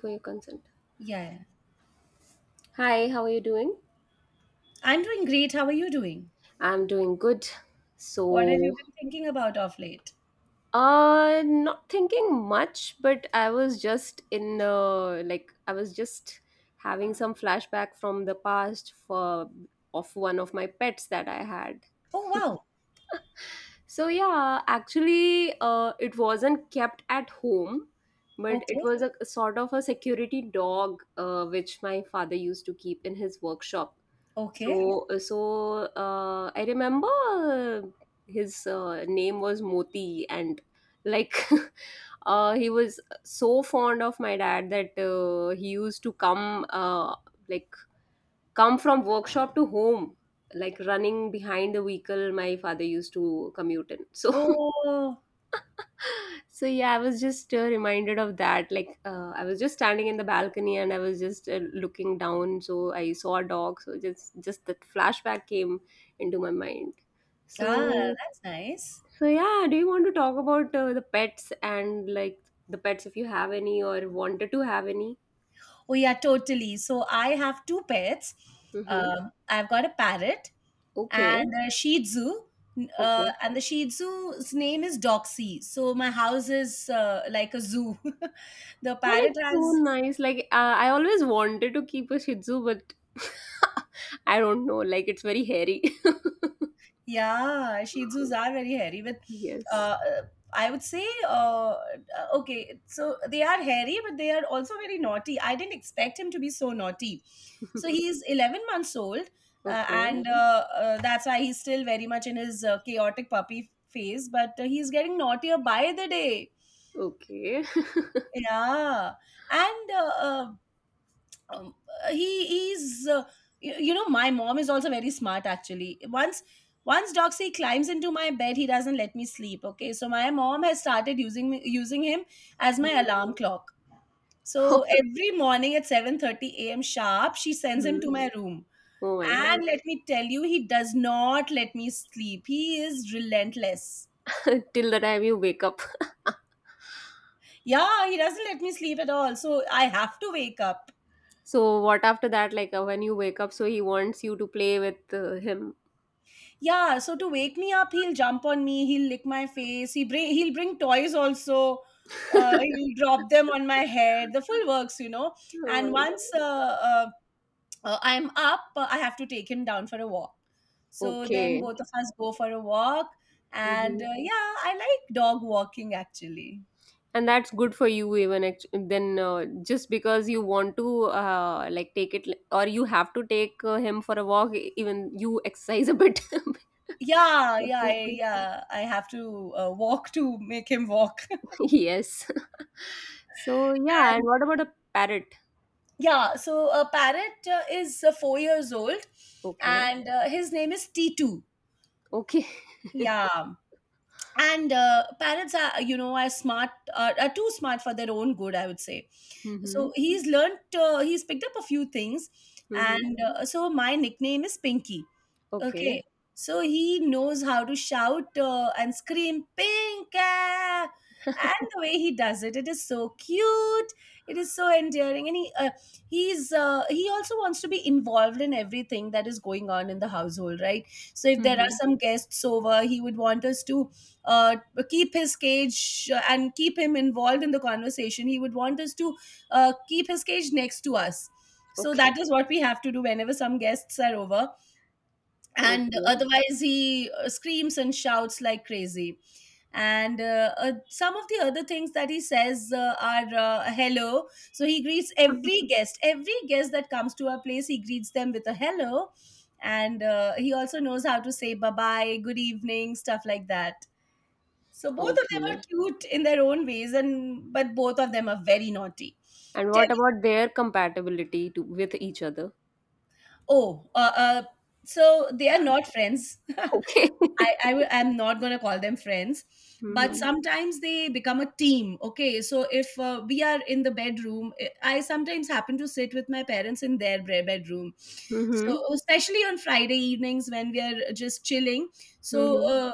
For your consent. Yeah, yeah. Hi, how are you doing? I'm doing great. How are you doing? I'm doing good. What have you So, been thinking about off late? Not thinking much, but I was just having some flashback from the past for of one of my pets that I had. Oh, wow. So yeah, actually, it wasn't kept at home, but it Okay. was a sort of a security dog, which my father used to keep in his workshop. Okay. So I remember uh, his name was Moti. And like he was so fond of my dad that he used to come like come from workshop to home, like running behind the vehicle my father used to commute in, so Oh, so yeah, I was just reminded of that. Like I was just standing in the balcony, and I was just looking down, so I saw a dog, so just that flashback came into my mind. ah, so that's nice. so yeah, do you want to talk about the pets, and like the pets, if you have any or wanted to have any? Oh, yeah, totally. So I have two pets. Mm-hmm. I've got a parrot Okay. and a Shih Tzu. Okay. And the Shih Tzu's name is Doxy. So my house is like a zoo. The That is parrot so has. nice. Like I always wanted to keep a Shih Tzu, but I don't know. Like, it's very hairy. Yeah, Shih Tzus are very hairy. Yes. uh, I would say, okay, so they are hairy, but they are also very naughty. I didn't expect him to be so naughty. So he's 11 months old, Okay. and that's why he's still very much in his chaotic puppy phase. But he's getting naughtier by the day. Okay. Yeah, and um, he is you know my mom is also very smart. Actually, once Doxy climbs into my bed, he doesn't let me sleep. Okay, so my mom has started using him as my Mhm. alarm clock. So every morning at 7:30 a.m. sharp, she sends him to my room, Oh my god. and let me tell you, he does not let me sleep. He is relentless. Till the time you wake up. Yeah, he doesn't let me sleep at all, so I have to wake up. So what after that? Like when you wake up, so he wants you to play with him. Yeah, so to wake me up, he'll jump on me, he'll lick my face, he'll bring toys also. Oh my He'll drop them on my head, the full works, you know. And god. once I'm up, I have to take him down for a walk. So then Okay. both of us go for a walk, and Mhm. Yeah, I like dog walking actually. And that's good for you, even then, just because you want to like take it or you have to take him for a walk, even you exercise a bit. Yeah, That's yeah, just I, good. yeah. I have to walk to make him walk. Yes. So yeah, and And what about a parrot? yeah, so a parrot is 4 years old, Okay. and his name is T2. Okay. Yeah, and parrots are, you know, are smart, are too smart for their own good, I would say. Mm-hmm. So he's picked up a few things, Mm-hmm. and so my nickname is Pinky. Okay. Okay, so he knows how to shout and scream "pink ah!" and the way he does it, it is so cute. It is so endearing, and he also wants to be involved in everything that is going on in the household, right? So if there are Mm-hmm. some guests over, he would want us to uh, keep his cage and keep him involved in the conversation. He would want us to keep his cage next to us. So Okay. that is what we have to do whenever some guests are over, and Okay. otherwise he screams and shouts like crazy. And some of the other things that he says are hello. So he greets every guest. Every guest that comes to our place, he greets them with a hello. And he also knows how to say bye bye, good evening, stuff like that. So both of them are Okay. cute in their own ways, and but both of them are very naughty. And Tell what me. about their compatibility to with each other? oh uh, uh, so they are not friends. I Okay. I am not gonna call them friends, but Mm-hmm. sometimes they become a team. Okay, so if we are in the bedroom, I sometimes happen to sit with my parents in their bedroom. So Mm-hmm. especially on Friday evenings when we are just chilling, so Mm-hmm.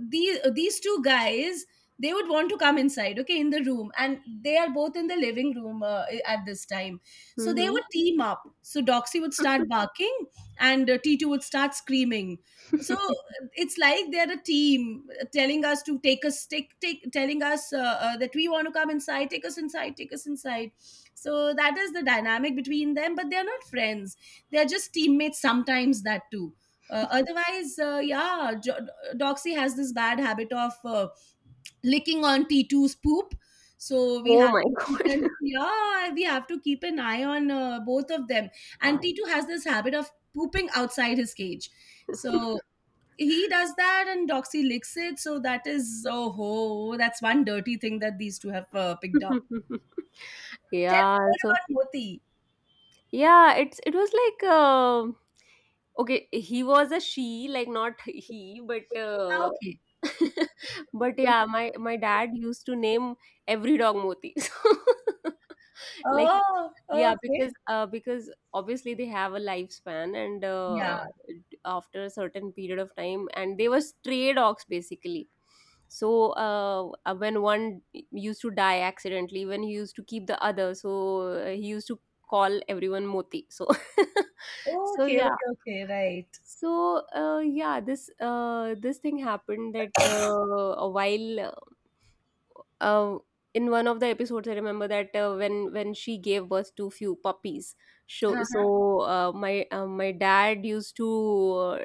these two guys, they would want to come inside, okay, in the room, and they are both in the living room at this time. So they Mm-hmm. would team up. So Doxy would start barking, and T2 would start screaming. So it's like they're a team, telling us to take us take, take telling us that we want to come inside. Take us inside, take us inside. So that is the dynamic between them, but they're not friends. They're just teammates, sometimes. That too. Otherwise, yeah, Doxy has this bad habit of licking on T two's poop. So we Oh have my to keep god. an, yeah, we have to keep an eye on both of them. And T2 has this habit of pooping outside his cage. So he does that and Doxy licks it. So that is, oh ho, that's one dirty thing that these two have picked up. Tell Yeah, me more so about Moti. yeah, it was like okay, he was a she, like not he, but Ah, okay. but yeah, my dad used to name every dog Moti. So like, Oh, yeah, okay. because obviously they have a lifespan. And Yeah. After a certain period of time, and they were stray dogs basically, so when one used to die accidentally, when he used to keep the other, so he used to call everyone Moti. So so Okay, yeah, okay, okay. Right. so yeah, this thing happened that a while uh, in one of the episodes, I remember that when she gave birth to few puppies, so Uh-huh. so uh, my dad used to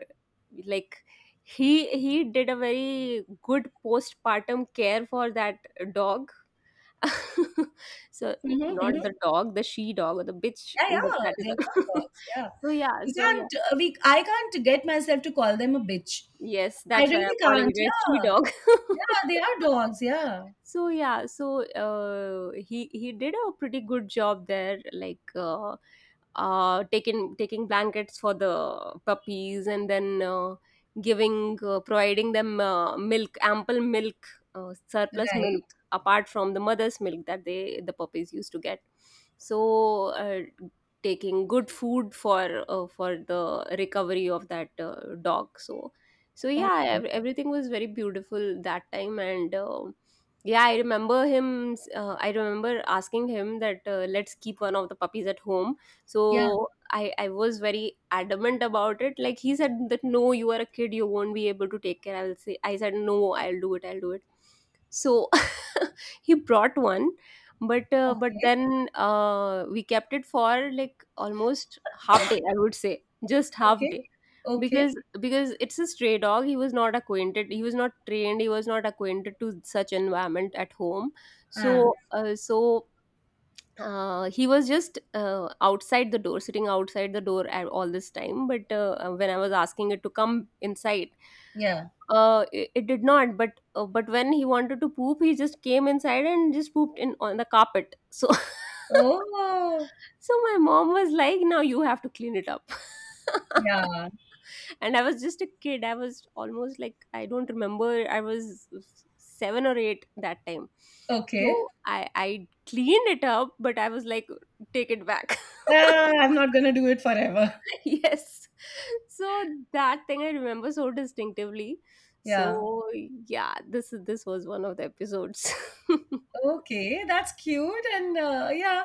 like he did a very good postpartum care for that dog. So, Mm-hmm, not mm-hmm. the dog, the she dog or the bitch, Yeah, but yeah. that is They're called a dogs. Yeah. so yeah, We so yeah, can't. We. I can't get myself to call them a bitch. yes, I that's why I'm really calling can't. it a she Yeah. dog. Yeah. They are dogs. Yeah. So yeah, so he did a pretty good job there. Like taking blankets for the puppies, and then giving providing them milk, ample milk, surplus Right. milk, apart from the mother's milk that the puppies used to get. So taking good food for for the recovery of that dog. So yeah, Okay. Everything was very beautiful that time, and yeah, I remember him. I remember asking him that let's keep one of the puppies at home. Yeah. So I was very adamant about it. Like, he said that, no, you are a kid, you won't be able to take care. I will say I said, no, I'll do it, I'll do it. So he brought one, but but Okay. then we kept it for like almost half day. I would say just half Okay. day, Okay. because because it's a stray dog, he was not acquainted, he was not trained, he was not acquainted to such environment at home. Ah, So so he was just outside the door, sitting outside the door at all this time. But when I was asking it to come inside, yeah. It did not. But but when he wanted to poop, he just came inside and just pooped in on the carpet. So Oh, so my mom was like, now you have to clean it up. yeah. And I was just a kid, I was almost like, I don't remember, I was 7 or 8 that time. So Okay. i I cleaned it up, but I was like, take it back. Ah, I'm not gonna do it forever. Yes. So that thing I remember so distinctively. So Yeah. yeah, this was one of the episodes. Okay, that's cute. And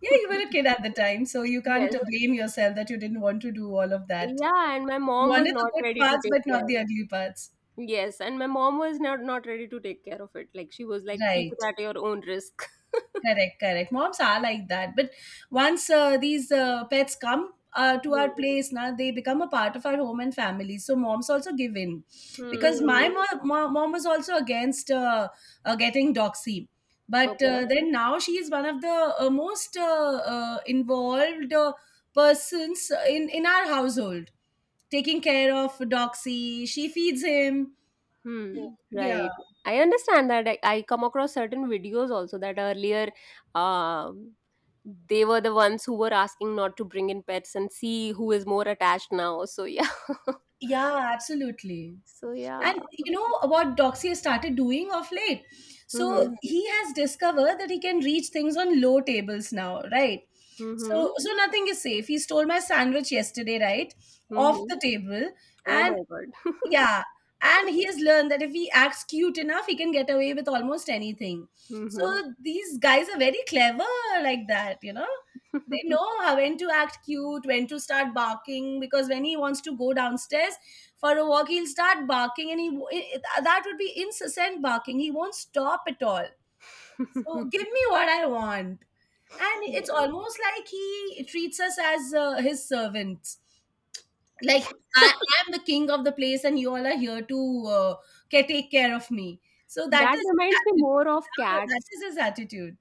yeah, you were a kid at the time, so you can't Yes. Blame yourself that you didn't want to do all of that. Yeah, and my You mom was wanted the not good ready to parts, but take not care. the ugly parts. Yes, and my mom was not ready to take care of it. Like, she was like, keep it Right. at your own risk. Correct, correct. Moms are like that. But once these pets come to our Hmm. place, now they become a part of our home and family. So moms also give in Hmm. because, hmm, my Hmm. Mom was also against getting Doxy. But Okay. Then now she is one of the most involved persons in our household, taking care of Doxy. She feeds him. Hmm. Yeah. Right. I understand that. I come across certain videos also, that earlier, um, they were the ones who were asking not to bring in pets, and see who is more attached now. So yeah. Yeah, absolutely. So yeah. And you know what Doxy has started doing of late, so, Mm-hmm. mhm, he has discovered that he can reach things on low tables now, right? So Mm-hmm. so nothing is safe. He stole my sandwich yesterday, right, off Mm-hmm. the table. Oh And my God. yeah, and he has learned that if he acts cute enough, he can get away with almost anything. Mm-hmm. So these guys are very clever like that, you know. They know how, when to act cute, when to start barking, because when he wants to go downstairs for a walk, he'll start barking, and he that would be incessant barking. He won't stop at all. So give me what I want. And it's Yeah. almost like he treats us as his servants, like, I am the king of the place, and you all are here to take care of me. So that That is reminds me his attitude. more of Yeah, that cats. is his attitude.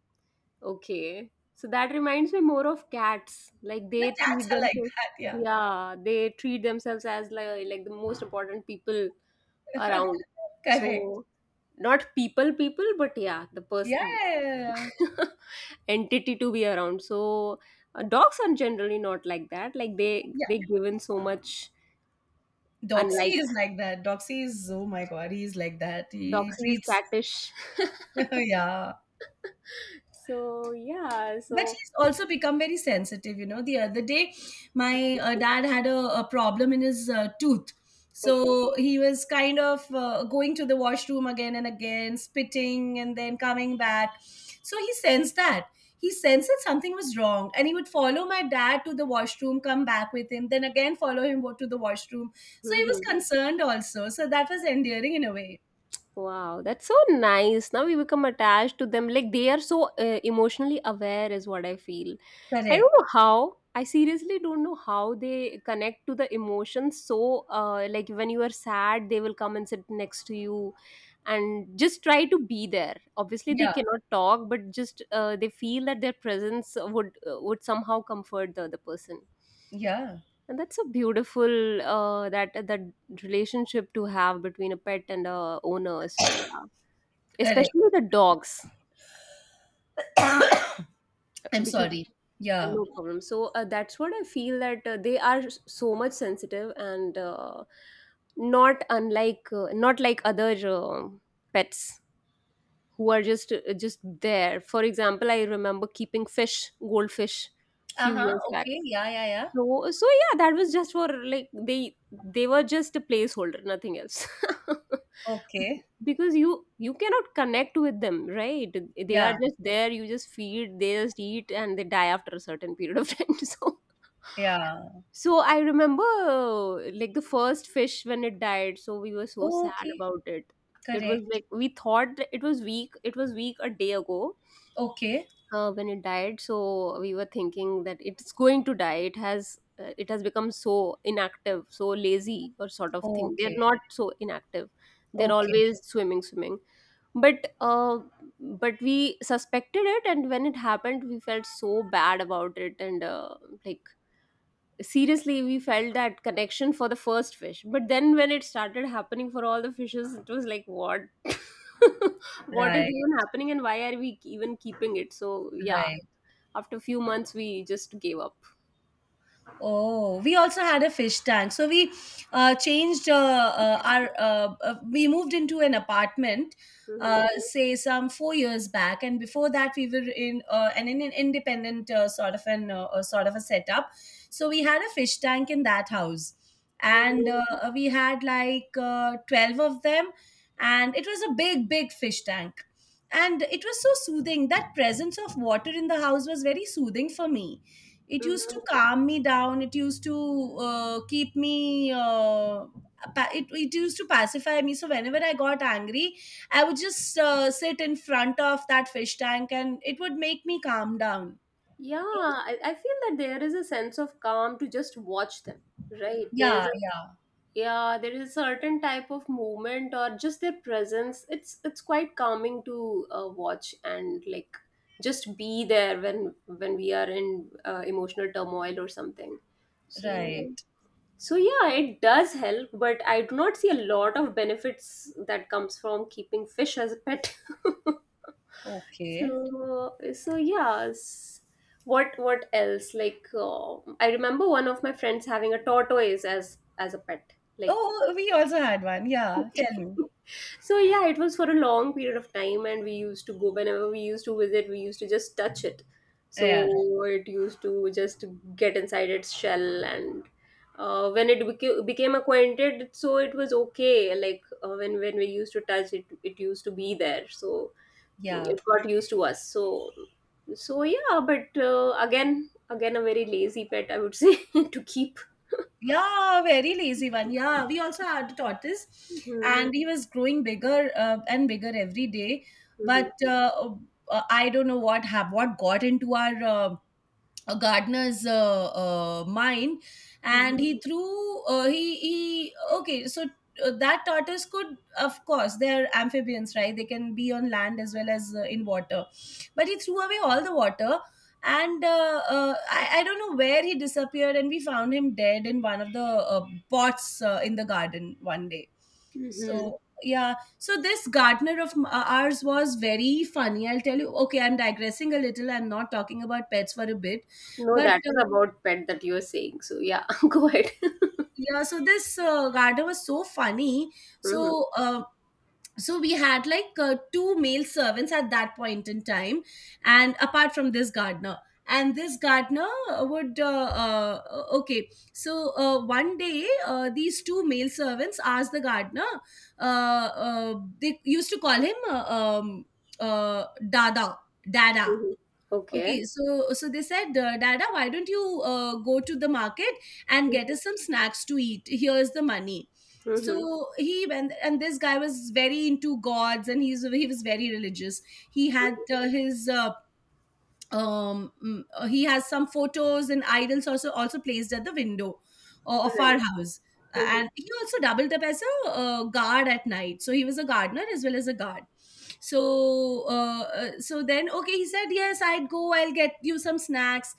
Okay. So that reminds me more of cats. Like, Yeah, they cats treat are like themselves, that, yeah. yeah, they treat themselves as like the most important people around. Correct. So, not people, people, but yeah, the Yeah. person Yeah. entity to be around. So dogs are generally not like that. Like they Yeah. they given so much, Yeah. Doxy unlike is like that. Doxy is, oh my god, he's like that. He doxies, treats. catfish. Yeah, So yeah, but so he's also become very sensitive, you know. The other day, my dad had a problem in his tooth, okay. so he was kind of going to the washroom again and again, spitting and then coming back. So he sensed that. He sensed that something was wrong, and he would follow my dad to the washroom, come back with him, then again follow him to the washroom. So he was Mm-hmm. concerned also, so that was endearing in a way. Wow, that's so nice. Now we become attached to them. Like, they are so emotionally aware, is what I feel. I don't Correct. know how. I seriously don't know how they connect to the emotions. So, like, when you are sad, they will come and sit next to you and just try to be there. Obviously, they Yeah. cannot talk, but just they feel that their presence would somehow comfort the other person. Yeah. And that's a beautiful that relationship to have between a pet and a owner. So yeah, Correct. especially the dogs, I'm because sorry. Yeah. no problem, so that's what I feel, that they are so much sensitive, and not like other pets who are just there. For example, I remember keeping fish, goldfish, few Uh-huh, years back. okay. Yeah, yeah, yeah. So yeah, that was just for, like, they were just a placeholder, nothing else. Okay. Because you cannot connect with them, right? They are Yeah, just there, you just feed, they just eat, and they die after a certain period of time. So yeah. so I remember, like, the first fish, when it died, so we were so sad Okay, about it. It was correct. like, we thought that it was weak. It was weak a day ago, Okay, when it died, so we were thinking that it's going to die, it has it has become so inactive, so lazy, or sort of thing. They're okay, not so inactive, they're okay. always swimming, swimming. But but we suspected it, and when it happened we felt so bad about it. And like, seriously, we felt that connection for the first fish, but then when it started happening for all the fishes, it was like, what? What is Right, even happening, and why are we even keeping it? So yeah, right. after a few months we just gave up. Oh, we also had a fish tank. So we changed our. We moved into an apartment, Hmm. Say some 4 years back, and before that we were in in an independent sort of an sort of a setup. So we had a fish tank in that house, and Hmm. We had like 12 of them, and it was a big, big fish tank, and it was so soothing. That presence of water in the house was very soothing for me. It used Hmm. to calm me down. It used to keep me it, it used to pacify me. So whenever I got angry, I would just sit in front of that fish tank, and it would make me calm down. Yeah, I feel that there is a sense of calm to just watch them, right? There is Yeah. a Yeah. Yeah, there is a certain type of movement or just their presence. It's quite calming to watch, and like, just be there when we are in emotional turmoil or something. Right. So so yeah, it does help, but I do not see a lot of benefits that comes from keeping fish as a pet. Okay. So yes. What else? Like, I remember one of my friends having a tortoise as a pet. Like, Oh, we also had one, yeah, okay. tell me. So yeah, it was for a long period of time, and we used to go whenever we used to visit. We used to just touch it. Yeah. So it used to just get inside its shell, and when it became acquainted, so it was okay. Like when we used to touch it, it used to be there. So Yeah. it got used to us, so yeah, but again a very lazy pet I would say to keep. Yeah, very lazy one. Yeah, we also had a tortoise, hmm, Hmm. and he was growing bigger and bigger every day. Hmm. But I don't know what what got into our a gardener's mind, Hmm. and he threw he okay, so that tortoise could, of course, they're amphibians, right? They can be on land as well as in water. But he threw away all the water, and I don't know where he disappeared, and we found him dead in one of the pots in the garden one day. Hmm. So yeah, so this gardener of ours was very funny, I'll tell you. Okay, I'm digressing a little. I'm not talking about pets for a bit, No, but that is about pet that you're saying, so yeah. Go ahead. yeah, so this garden was so funny. Hmm. So uh, so we had like two male servants at that point in time, and apart from this gardener. And this gardener would, okay. So one day, these two male servants asked the gardener. They used to call him um, uh, Dada, Dada. Hmm. Okay. Okay, so they said, Dada, why don't you go to the market and get Hmm. us some snacks to eat? Here's the money. So he went, and this guy was very into gods, and he was very religious. He had his um mm, he has some photos and idols also placed at the window of Right. our house. Uh, Hmm. and he also doubled up as a guard at night, so he was a gardener as well as a guard. So uh, uh, so then okay, he said, yes, I'd go, I'll get you some snacks.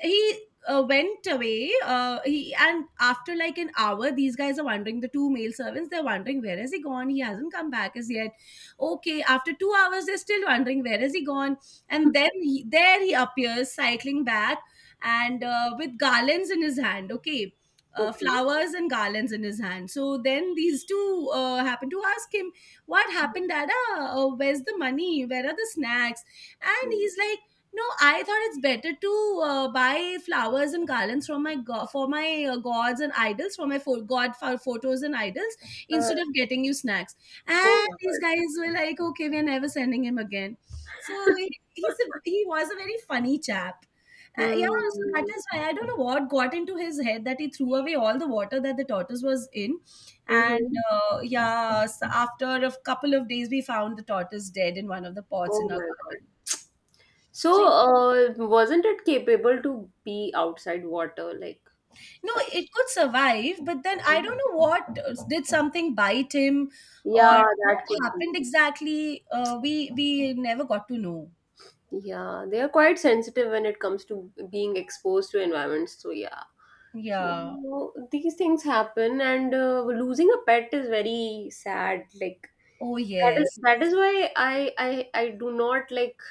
He went away. He And after like an hour, these guys are wondering, the two male servants, they're wondering, where has he gone? He hasn't come back as yet. Okay, after 2 hours they're still wondering, where has he gone? And then there he appears, cycling back, and with garlands in his hand. Okay, Okay. flowers and garlands in his hand. So then these two happen to ask him, what happened, Dada? Where's the money? Where are the snacks? And Mhm. he's like, no, I thought it's better to buy flowers and garlands for my gods and idols, for my fo- god for photos and idols, instead uh, of getting you snacks. And oh these my god. guys were like, okay, we're never sending him again. So he was a very funny chap. Yeah, so that Hmm. is why I don't know what got into his head, that he threw away all the water that the tortoise was in. And Hmm. Yeah, so after a couple of days we found the tortoise dead in one of the pots in Oh our my god. garden. so So he- uh, wasn't it capable to be outside water, like? no, it could survive, but then I don't know what— did something bite him, or Yeah, what that could be. happened exactly? We never got to know. Yeah, they are quite sensitive when it comes to being exposed to environments. So yeah, so Yeah. these things happen, and losing a pet is very sad. Like, Oh that is yes. that is why I do not like.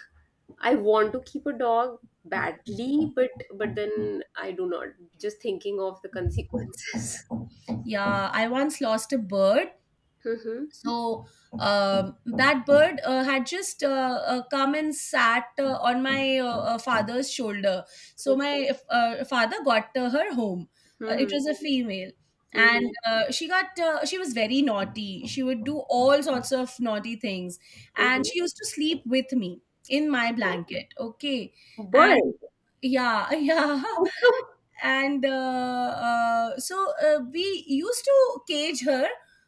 I want to keep a dog badly, but then I do not. Just thinking of the consequences. Yeah. I once lost a bird. Mm-hmm. So that bird had just come and sat on my father's shoulder. So Okay. my father got her home. It Mm-hmm. was a female, and Mm-hmm. She was very naughty. She would do all sorts of naughty things, and Mm-hmm. she used to sleep with me in my blanket. Okay, and Bird. yeah, yeah, Oh, come. and we used to cage her,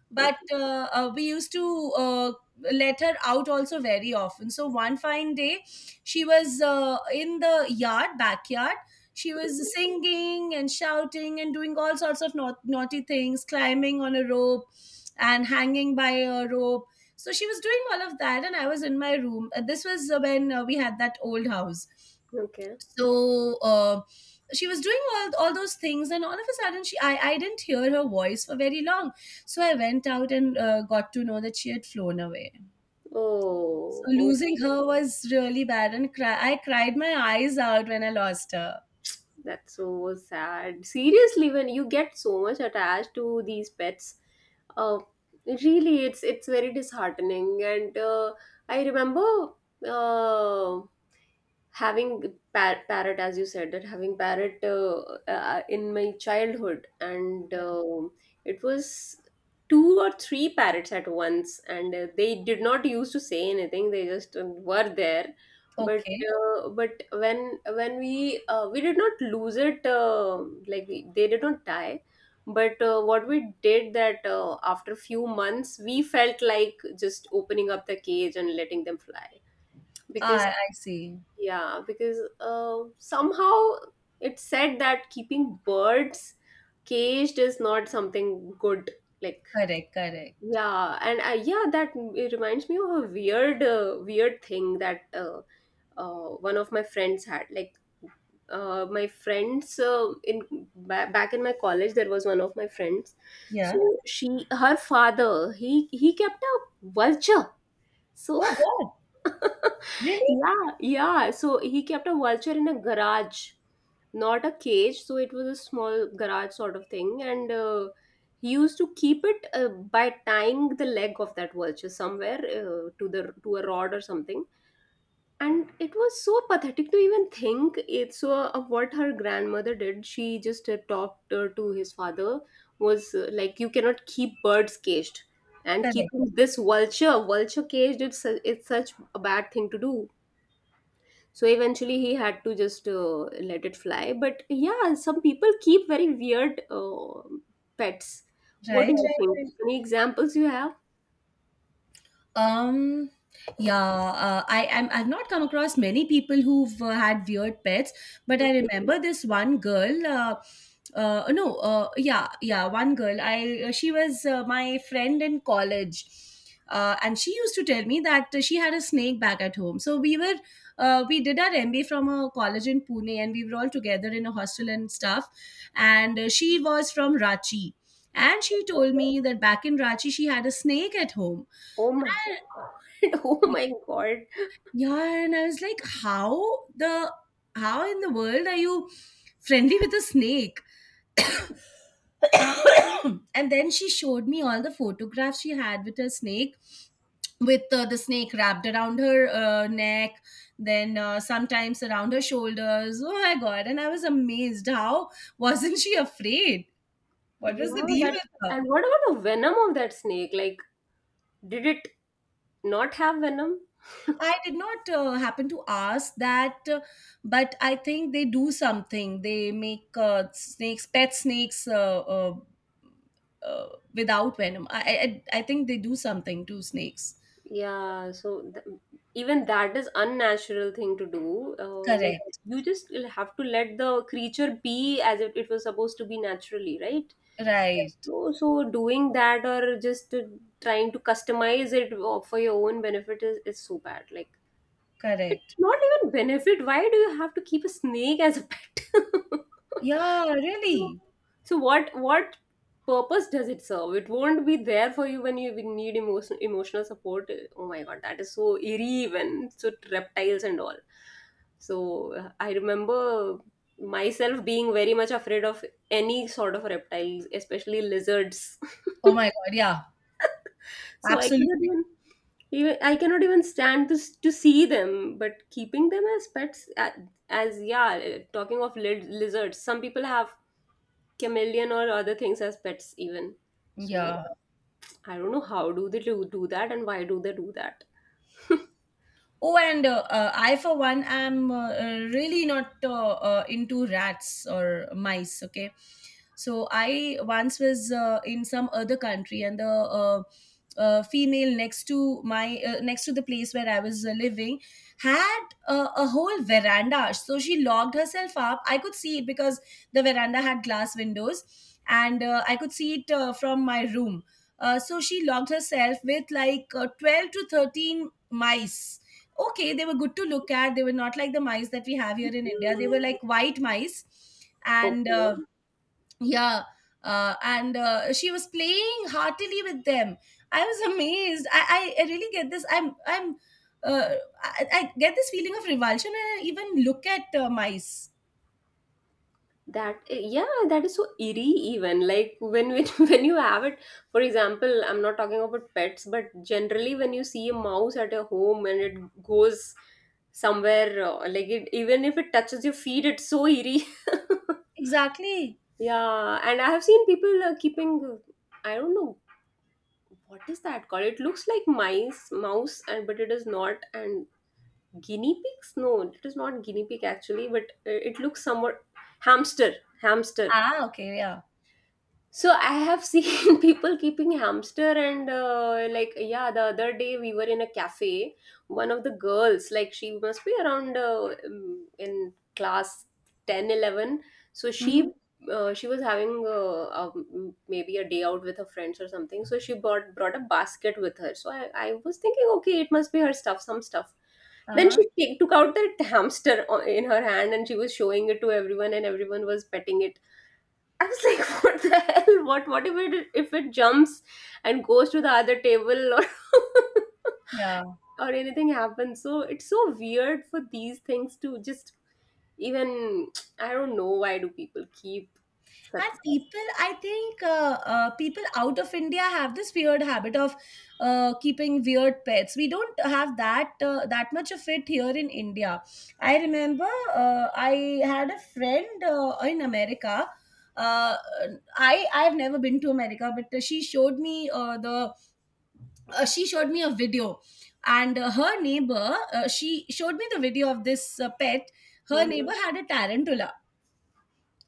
but Okay. We used to let her out also very often. So one fine day she was in the yard backyard. She was singing and shouting and doing all sorts of naughty things, climbing on a rope and hanging by a rope. So she was doing all of that, and I was in my room. This was when we had that old house. Okay. So she was doing all those things, and all of a sudden she I didn't hear her voice for very long. So I went out and got to know that she had flown away. Oh. So losing Okay. her was really bad, and I cried my eyes out when I lost her. That's so sad. Seriously, when you get so much attached to these pets, uh, really, it's very disheartening. And I remember uh, having parrot, as you said, that having parrot in my childhood. And it was two or three parrots at once, and they did not used to say anything, they just were there. But Okay. When we did not lose it, like we, they did not die, but what we did that, after few months we felt like just opening up the cage and letting them fly. Because I see. yeah, because somehow it's said that keeping birds caged is not something good. Like, Correct, correct. yeah, and yeah, that it reminds me of a weird, weird thing that one of my friends had. Like, my friends in back in my college, there was one of my friends. So Yeah. she, her father, he kept a vulture. So Oh god. Really. yeah, yeah. So he kept a vulture in a garage, not a cage. So it was a small garage sort of thing, and he used to keep it by tying the leg of that vulture somewhere, to the to a rod or something. And it was so pathetic to even think it. So what her grandmother did, she just talked to his father, was like, you cannot keep birds caged, and keeping Correct. this vulture caged, it's such a bad thing to do. So eventually he had to just let it fly. But yeah, some people keep very weird pets. What do Right, you right, think? right. Any examples you have? Um, yeah, I am. I've not come across many people who've had weird pets, but I remember this one girl. No, yeah, yeah, one girl. I she was my friend in college. And she used to tell me that she had a snake back at home. We did our MBA from a college in Pune, and we were all together in a hostel and stuff. And she was from Rachi, and she told me that back in Rachi she had a snake at home. Oh my god. Oh my god. Yeah, and I was like, how the— how in the world are you friendly with a snake? And then she showed me all the photographs she had with her snake, with the snake wrapped around her neck, then sometimes around her shoulders. Oh my god! And I was amazed. How wasn't she afraid? What was the Yeah, deal that, with her? and what about the venom of that snake, like did it not have venom? I did not happen to ask that, but I think they do something. They make pet snakes, uh, without venom. I think they do something to snakes. Yeah, so even that is unnatural thing to do, like Correct. you just will have to let the creature be as if it was supposed to be naturally, right? Right. So, so doing that or just trying to customize it for your own benefit is so bad. Like, Correct. not even benefit. Why do you have to keep a snake as a pet? Yeah. Really. So what purpose does it serve? It won't be there for you when you need emotional support. Oh my god, that is so eerie even. So, reptiles and all. So I remember myself being very much afraid of any sort of reptiles, especially lizards. Oh my God. Yeah. So I cannot Absolutely. I cannot even stand to to see them. But keeping them as pets, as yeah, talking of lizards, some people have chameleon or other things as pets even. So Yeah. I don't know how do they do that and why do they do that. Oh, and I, for one, am really not into rats or mice. Okay, so I once was in some other country, and the female next to my next to the place where I was living had a whole veranda. So she locked herself up. I could see it because the veranda had glass windows, and I could see it from my room. So she locked herself with like 12 to 13 mice. Okay, they were good to look at. They were not like the mice that we have here in India. They Mm. were like white mice. And Okay. yeah, and she was playing heartily with them. I was amazed. I really get this. I'm i'm uh, I, I get this feeling of revulsion when I even look at mice. That yeah, that is so eerie even. Like when when you have it, for example, I'm not talking about pets, but generally when you see a mouse at a home and it goes somewhere, like it, even if it touches your feet, it's so eerie. Exactly. Yeah, and I have seen people keeping, I don't know what is that called. It looks like mice, mouse, and but it is not. And guinea pigs? No, it is not guinea pig actually, but it looks somewhat hamster, hamster. Ah, okay. Yeah. So I have seen people keeping hamster, and like yeah, the other day we were in a cafe. One of the girls, like, she must be around in class 10, 11. So Mm-hmm. She was having maybe a day out with her friends or something. So she brought a basket with her. So I was thinking, okay, it must be her stuff, some stuff. Then Uh-huh. she took out that hamster in her hand, and she was showing it to everyone, and everyone was petting it. I was like, what the hell? What if it jumps and goes to the other table, or Yeah. or anything happens? So it's so weird for these things to just even, I don't know why do people keep such And stuff. people, I think people out of India have this weird habit of keeping weird pets. We don't have that much of it here in India. I remember I had a friend in America. Uh, I've never been to America, but she showed me a video, and her neighbor she showed me the video of this pet. Her Mhm. neighbor had a tarantula.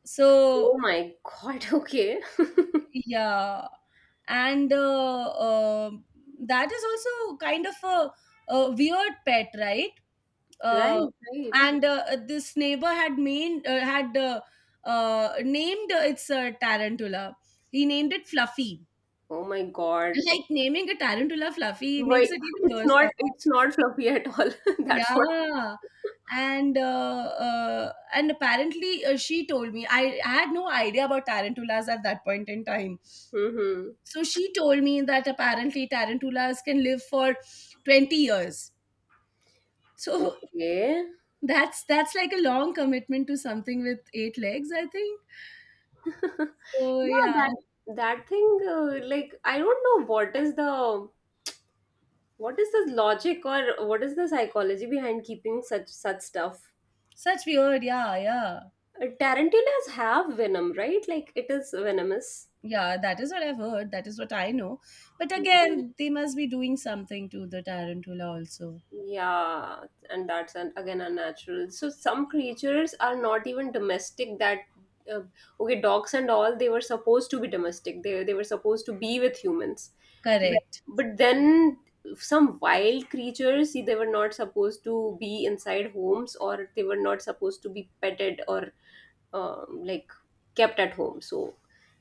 So, Oh my god, okay. yeah, and that is also kind of a weird pet, right? Uh, Right, right. and this neighbor had named its tarantula. He named it Fluffy. Oh my god. It, Like naming a tarantula Fluffy makes why it even it's worse, not somehow. it's not fluffy at all. That's what. Yeah, and apparently she told me I had no idea about tarantulas at that point in time. Hmm. So she told me that apparently tarantulas can live for 20 years. So Okay. that's like a long commitment to something with eight legs, I think. So Yeah, yeah, that, that thing like I don't know what is the logic, or what is the psychology behind keeping such stuff. such weird. Yeah, yeah. Tarantulas have venom, right, like it is venomous? Yeah, that is what I've heard. That is what I know. But Hmm. again, they must be doing something to the tarantula also. Yeah, and that's an, again unnatural, so some creatures are not even domestic, that uh, okay, dogs and all, they were supposed to be domestic, they were supposed to be with humans. Correct. But then some wild creatures, see, they were not supposed to be inside homes, or they were not supposed to be petted, or like kept at home. So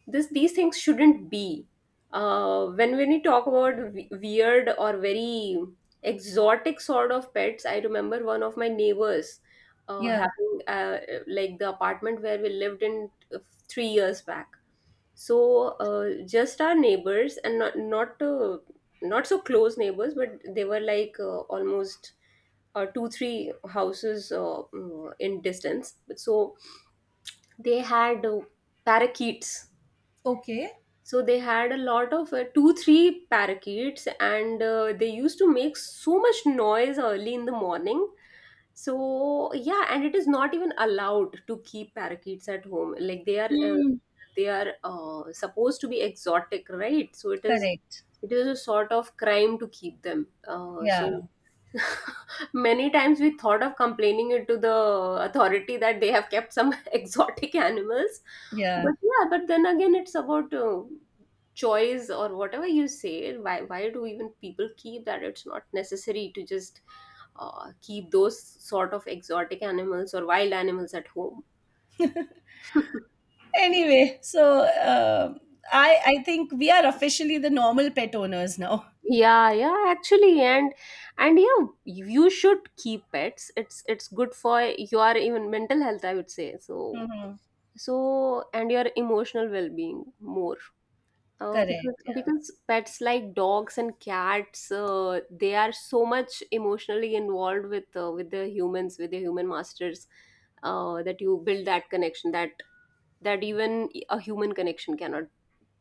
this these things shouldn't be. When we talk about weird or very exotic sort of pets, I remember one of my neighbors Yeah. having like the apartment where we lived in 3 years back. So just our neighbors, and not so close neighbors, but they were like almost two three houses in distance. So they had parakeets. Okay. So they had a lot of two three parakeets, and they used to make so much noise early in the morning. So yeah, and it is not even allowed to keep parakeets at home, like they are uh, Hmm. they are uh, supposed to be exotic, right? So it is Correct. it is a sort of crime to keep them, so. Yeah. Many times we thought of complaining it to the authority that they have kept some exotic animals. Yeah. But yeah, but then again, it's about choice or whatever you say. Why do even people keep that? It's not necessary to just keep those sort of exotic animals or wild animals at home. Anyway, I think we are officially the normal pet owners now. Yeah, yeah, actually, and yeah, you should keep pets. It's good for your even mental health, I would say. So, Hmm. so, and your emotional well-being more, because Correct. Yeah. Pets like dogs and cats, they are so much emotionally involved with the humans, with the human masters, that you build that connection, that even a human connection cannot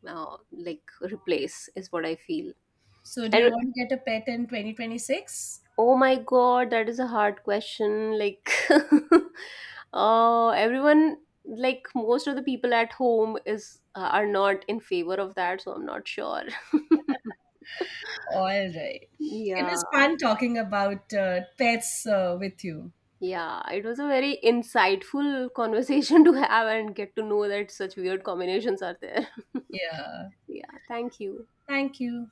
like replace, is what I feel. So do you And want to get a pet in 2026? Oh my god, that is a hard question. Like, everyone, like most of the people at home is are not in favor of that, so I'm not sure. All right. It Yeah, was fun talking about pets with you. yeah, it was a very insightful conversation to have and get to know that such weird combinations are there. Yeah. Yeah, thank you. Thank you.